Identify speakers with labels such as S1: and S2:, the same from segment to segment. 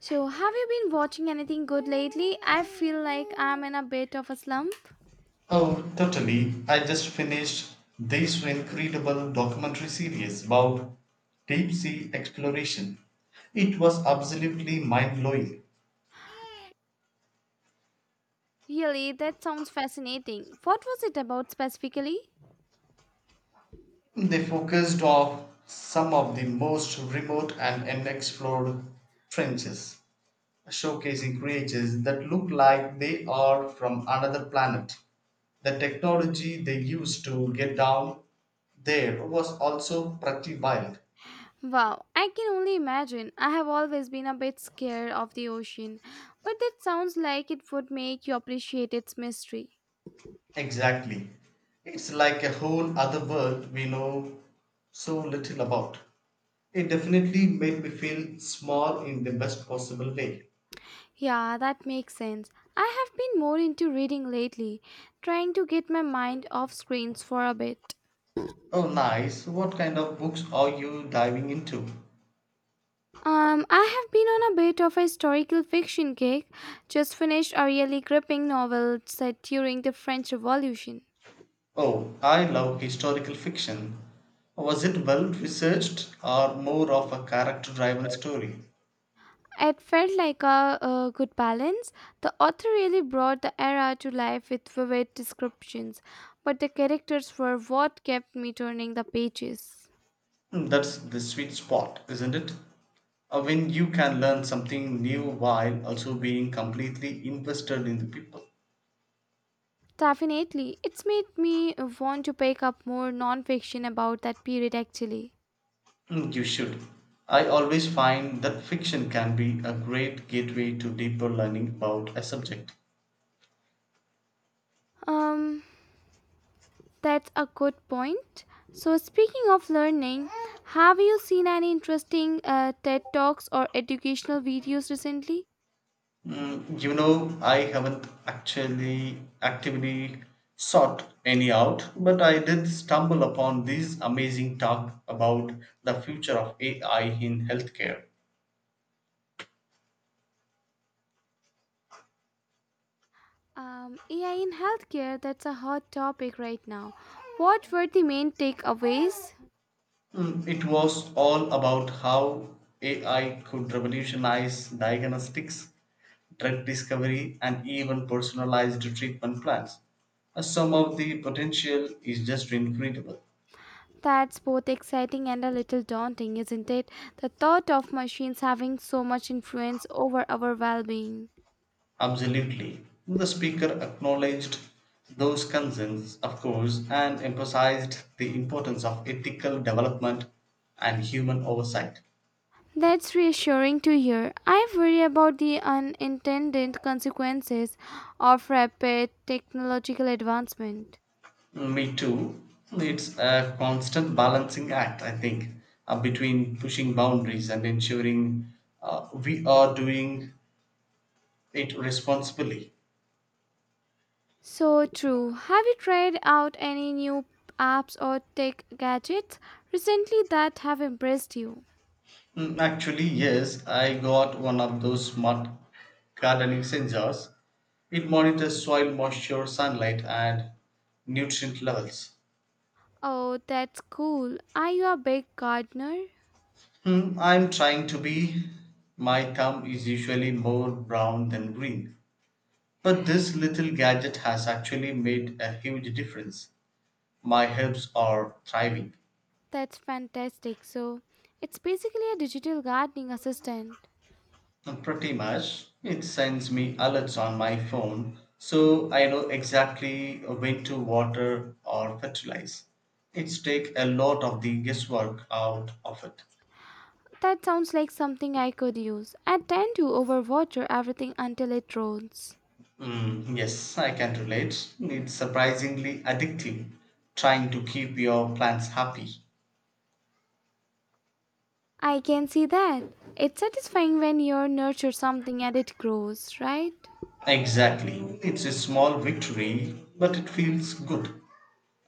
S1: So, have you been watching anything good lately? I feel like I'm in a bit of a slump.
S2: Oh, totally. I just finished this incredible documentary series about deep sea exploration. It was absolutely mind blowing.
S1: Really, that sounds fascinating. What was it about specifically?
S2: They focused on some of the most remote and unexplored trenches, showcasing creatures that look like they are from another planet. The technology they used to get down there was also pretty wild.
S1: Wow, I can only imagine. I have always been a bit scared of the ocean, but that sounds like it would make you appreciate its mystery.
S2: Exactly. It's like a whole other world we know so little about. It definitely made me feel small in the best possible way.
S1: Yeah, that makes sense. I have been more into reading lately, trying to get my mind off screens for a bit.
S2: Oh, nice. What kind of books are you diving into?
S1: I have been on a bit of a historical fiction kick. Just finished a really gripping novel set during the French Revolution.
S2: Oh, I love historical fiction. Was it well researched or more of a character driven story?
S1: It felt like a good balance. The author really brought the era to life with vivid descriptions, but the characters were what kept me turning the pages.
S2: Hmm. That's the sweet spot, isn't it? When you can learn something new while also being completely invested in the people.
S1: Definitely, it's made me want to pick up more non fiction about that period actually.
S2: Mm, you should. I always find that fiction can be a great gateway to deeper learning about a subject.
S1: Um, That's a good point. So, speaking of learning, have you seen any interesting TED Talks or educational videos recently?
S2: Mm. I haven't actually actively sought any out, but I did stumble upon this amazing talk about the future of AI in healthcare.
S1: AI in healthcare, that's a hot topic right now. What were the main takeaways?
S2: Mm. It was all about how AI could revolutionize diagnostics, drug discovery, and even personalized treatment plans. Some of the potential is just incredible.
S1: That's both exciting and a little daunting, isn't it? The thought of machines having so much influence over our well being.
S2: Absolutely. The speaker acknowledged those concerns, of course, and emphasized the importance of ethical development and human oversight.
S1: That's reassuring to hear. I worry about the unintended consequences of rapid technological advancement.
S2: Me too. It's a constant balancing act, I think, between pushing boundaries and ensuring we are doing it responsibly.
S1: So true. Have you tried out any new apps or tech gadgets recently that have impressed you?
S2: Mm. Actually, yes, I got one of those smart gardening sensors. It monitors soil moisture, sunlight, and nutrient levels.
S1: Oh, that's cool. Are you a big gardener?
S2: Hmm, I'm trying to be. My thumb is usually more brown than green. But this little gadget has actually made a huge difference. My herbs are thriving.
S1: That's fantastic. So, it's basically a digital gardening assistant.
S2: And pretty much, it sends me alerts on my phone so I know exactly when to water or fertilize. It's take a lot of the guesswork out of it.
S1: That sounds like something I could use. I tend to overwater everything until it drools.
S2: Mm, yes, I can relate. It's surprisingly addictive trying to keep your plants happy.
S1: I can see that. It's satisfying when you nurture something and it grows, right?
S2: Exactly. It's a small victory, but it feels good.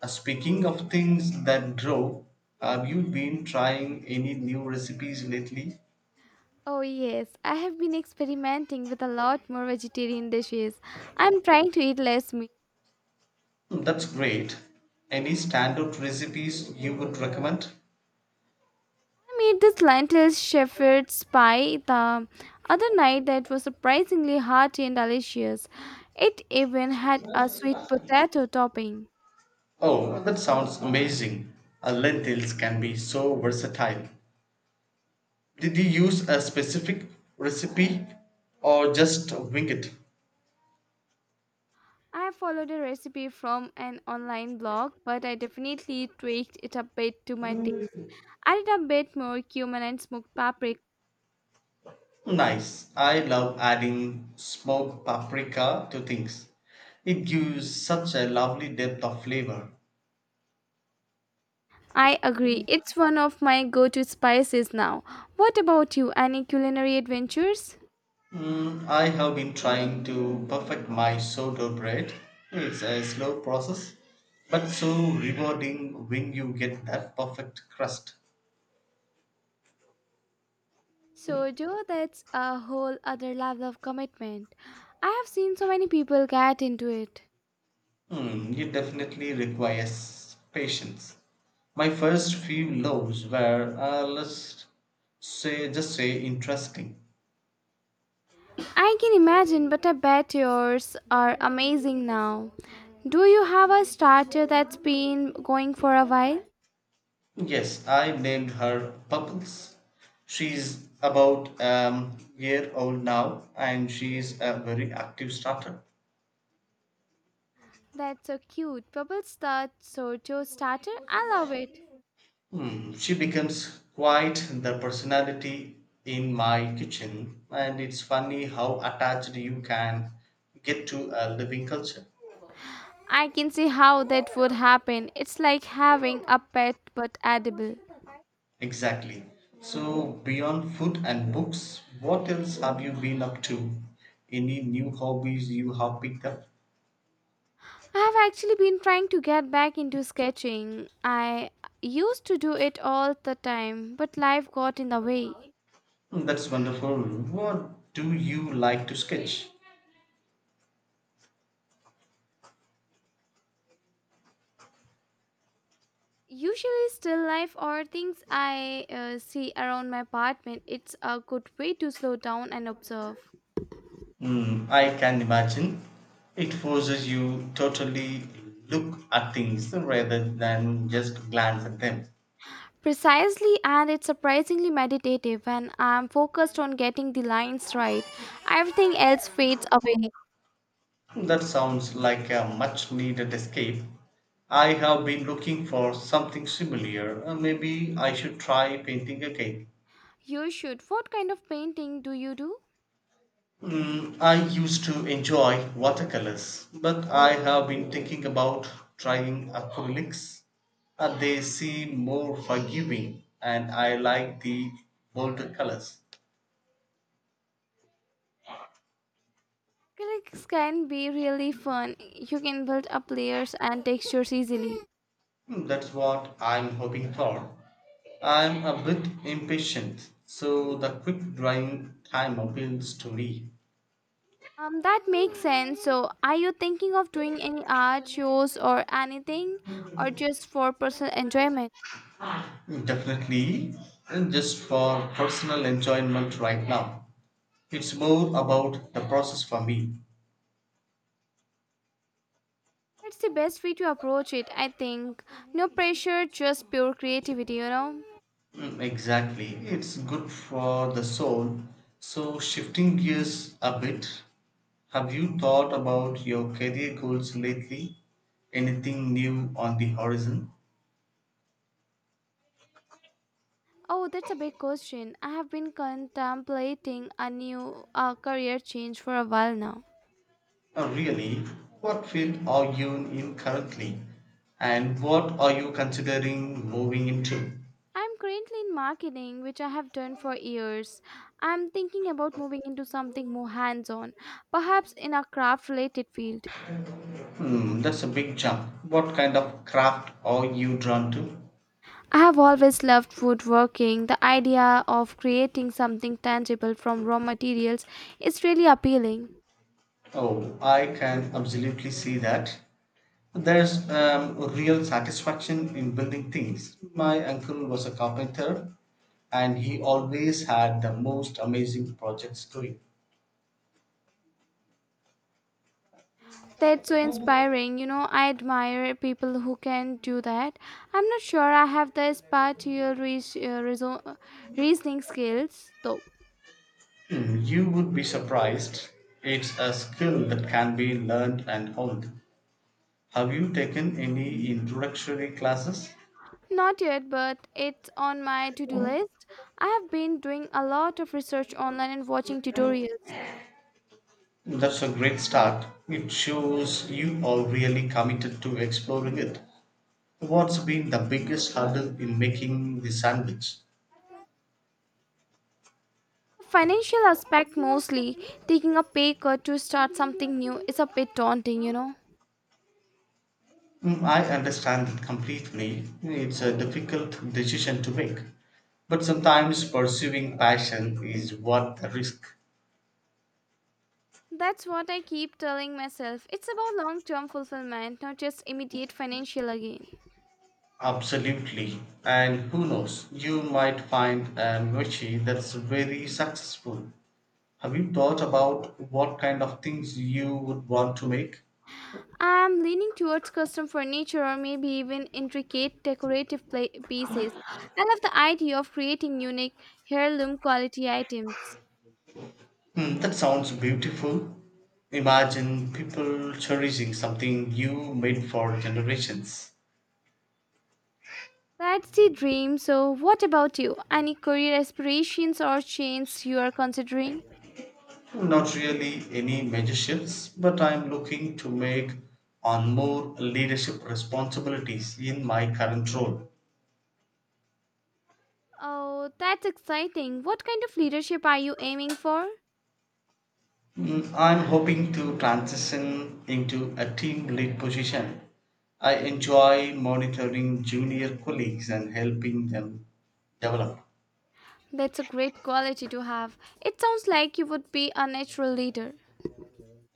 S2: Speaking of things that grow, have you been trying any new recipes lately?
S1: Oh, yes. I have been experimenting with a lot more vegetarian dishes. I'm trying to eat less meat.
S2: Hmm, that's great. Any standout recipes you would recommend?
S1: I made this lentil shepherd's pie the other night that was surprisingly hearty and delicious. It even had a sweet potato topping.
S2: Oh, that sounds amazing. Lentils can be so versatile. Did you use a specific recipe or just wing it?
S1: I followed a recipe from an online blog, but I definitely tweaked it a bit to my taste. Added a bit more cumin and smoked paprika.
S2: Nice. I love adding smoked paprika to things. It gives such a lovely depth of flavor.
S1: I agree, it's one of my go to spices now. What about you? Any culinary adventures?
S2: I have been trying to perfect my sourdough bread. It's a slow process, but so rewarding when you get that perfect crust.
S1: So, Joe, that's a whole other level of commitment. I have seen so many people get into it.
S2: Hmm, it definitely requires patience. My first few loaves were, let's just say, interesting.
S1: I can imagine, but I bet yours are amazing now. Do you have a starter that's been going for a while?
S2: Yes, I named her Bubbles. She's about year old now, and she's a very active starter.
S1: That's so cute. Bubble start, sojo starter. I love it.
S2: Hmm, she becomes quite the personality in my kitchen, and it's funny how attached you can get to a living culture.
S1: I can see how that would happen. It's like having a pet but edible.
S2: Exactly. So, beyond food and books, what else have you been up to? Any new hobbies you have picked up?
S1: I have actually been trying to get back into sketching. I used to do it all the time, but life got in the way.
S2: Hmm, that's wonderful. What do you like to sketch?
S1: Usually, still life or things I see around my apartment, it's a good way to slow down and observe.
S2: Hmm, I can imagine. It forces you totally look at things rather than just glance at them.
S1: Precisely, and it's surprisingly meditative when I'm focused on getting the lines right. Everything else fades away.
S2: That sounds like a much needed escape. I have been looking for something similar. Maybe I should try painting again.
S1: You should. What kind of painting do you do?
S2: Mm, I used to enjoy watercolors, but I have been thinking about trying acrylics. They seem more forgiving, and I like the bolder colors.
S1: Acrylics can be really fun. You can build up layers and textures easily.
S2: Mm, that's what I'm hoping for. I'm a bit impatient, so the quick drying time appeals to me.
S1: That makes sense. So, are you thinking of doing any art shows or anything, or just for personal enjoyment?
S2: Definitely, and just for personal enjoyment right now. It's more about the process for me.
S1: That's the best way to approach it, I think. No pressure, just pure creativity, you know?
S2: Mm, exactly, it's good for the soul. So, shifting gears a bit, have you thought about your career goals lately? Anything new on the horizon?
S1: Oh, that's a big question. I have been contemplating a new career change for a while now.
S2: Oh, really? What field are you in currently? And what are you considering moving into?
S1: I'm currently in marketing, which I have done for years. I'm thinking about moving into something more hands on, perhaps in a craft related field.
S2: Hmm, that's a big jump. What kind of craft are you drawn to?
S1: I have always loved woodworking. The idea of creating something tangible from raw materials is really appealing.
S2: Oh, I can absolutely see that. There's a real satisfaction in building things. My uncle was a carpenter and he always had the most amazing projects going.
S1: That's so inspiring. You know, I admire people who can do that. I'm not sure I have the reasoning skills, though.
S2: Hmm, you would be surprised. It's a skill that can be learned and honed. Have you taken any introductory classes?
S1: Not yet, but it's on my to do list. I have been doing a lot of research online and watching tutorials.
S2: That's a great start. It shows you are really committed to exploring it. What's been the biggest hurdle in making the sandwich?
S1: Financial aspect mostly, taking a pay cut to start something new is a bit daunting, you know.
S2: Mm, I understand it completely. It's a difficult decision to make. But sometimes pursuing passion is worth the risk.
S1: That's what I keep telling myself. It's about long term fulfillment, not just immediate financial gain.
S2: Absolutely. And who knows, you might find a niche that's very successful. Have you thought about what kind of things you would want to make?
S1: I'm leaning towards custom furniture or maybe even intricate decorative pla pieces. I love the idea of creating unique heirloom quality items.
S2: Hmm, that sounds beautiful. Imagine people cherishing something you made for generations.
S1: That's the dream. So, what about you? Any career aspirations or changes you are considering?
S2: Not really any major shifts, but I'm looking to make on more leadership responsibilities in my current role.
S1: Oh, that's exciting. What kind of leadership are you aiming for?
S2: Mm, I'm hoping to transition into a team lead position. I enjoy monitoring junior colleagues and helping them develop.
S1: That's a great quality to have. It sounds like you would be a natural leader.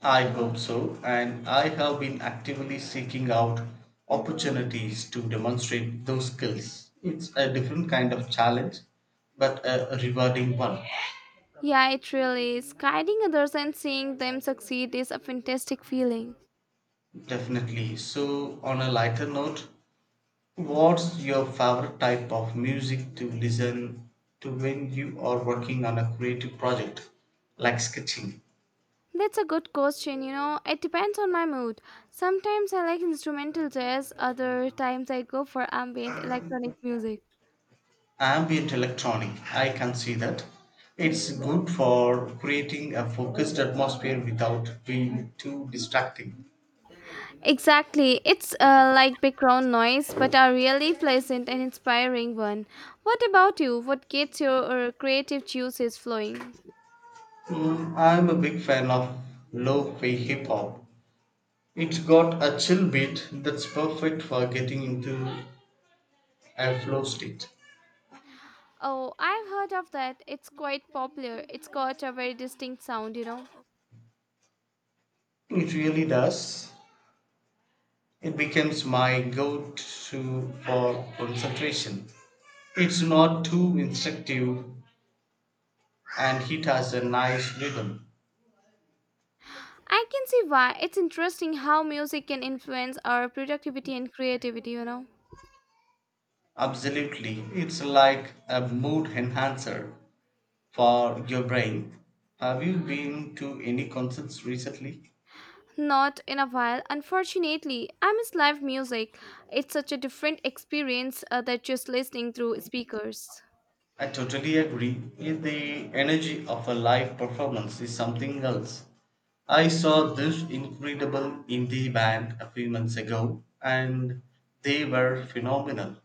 S2: I hope so, and I have been actively seeking out opportunities to demonstrate those skills. It's a different kind of challenge, but a rewarding one,
S1: Yeah, it really is. Guiding others and seeing them succeed is a fantastic feeling.
S2: definitely. So, on a lighter note, what's your favorite type of music to listen to when you are working on a creative project, like sketching?
S1: That's a good question, you know. It depends on my mood. Sometimes I like instrumental jazz, other times I go for ambient electronic music.
S2: Ambient electronic, I can see that. It's good for creating a focused atmosphere without being too distracting.
S1: Exactly. It's like background noise, but a really pleasant and inspiring one. What about you? What gets your creative juices flowing?
S2: Mm, I'm a big fan of lo-fi hip-hop. It's got a chill beat that's perfect for getting into a flow state.
S1: Oh, I've heard of that. It's quite popular. It's got a very distinct sound, you know.
S2: It really does. It becomes my go-to for concentration. It's not too instructive, and it has a nice rhythm.
S1: I can see why. It's interesting how music can influence our productivity and creativity, you know.
S2: Absolutely. It's like a mood enhancer for your brain. Have you been to any concerts recently?
S1: Not in a while. Unfortunately, I miss live music. It's such a different experience that just listening through speakers.
S2: I totally agree. The energy of a live performance is something else. I saw this incredible indie band a few months ago and they were phenomenal.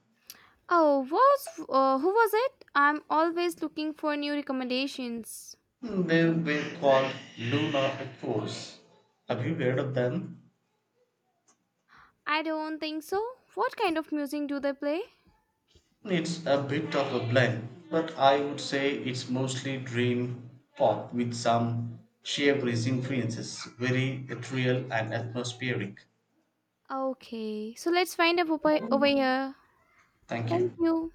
S1: Oh, was who was it? I'm always looking for new recommendations.
S2: They were called Lunar Echoes. Have you heard of them?
S1: I don't think so. What kind of music do they play?
S2: It's a bit of a blend, but I would say it's mostly dream pop with some Chiabrese influences, very ethereal and atmospheric.
S1: Okay, so let's find up over here.
S2: Thank
S1: Thank
S2: you.
S1: you.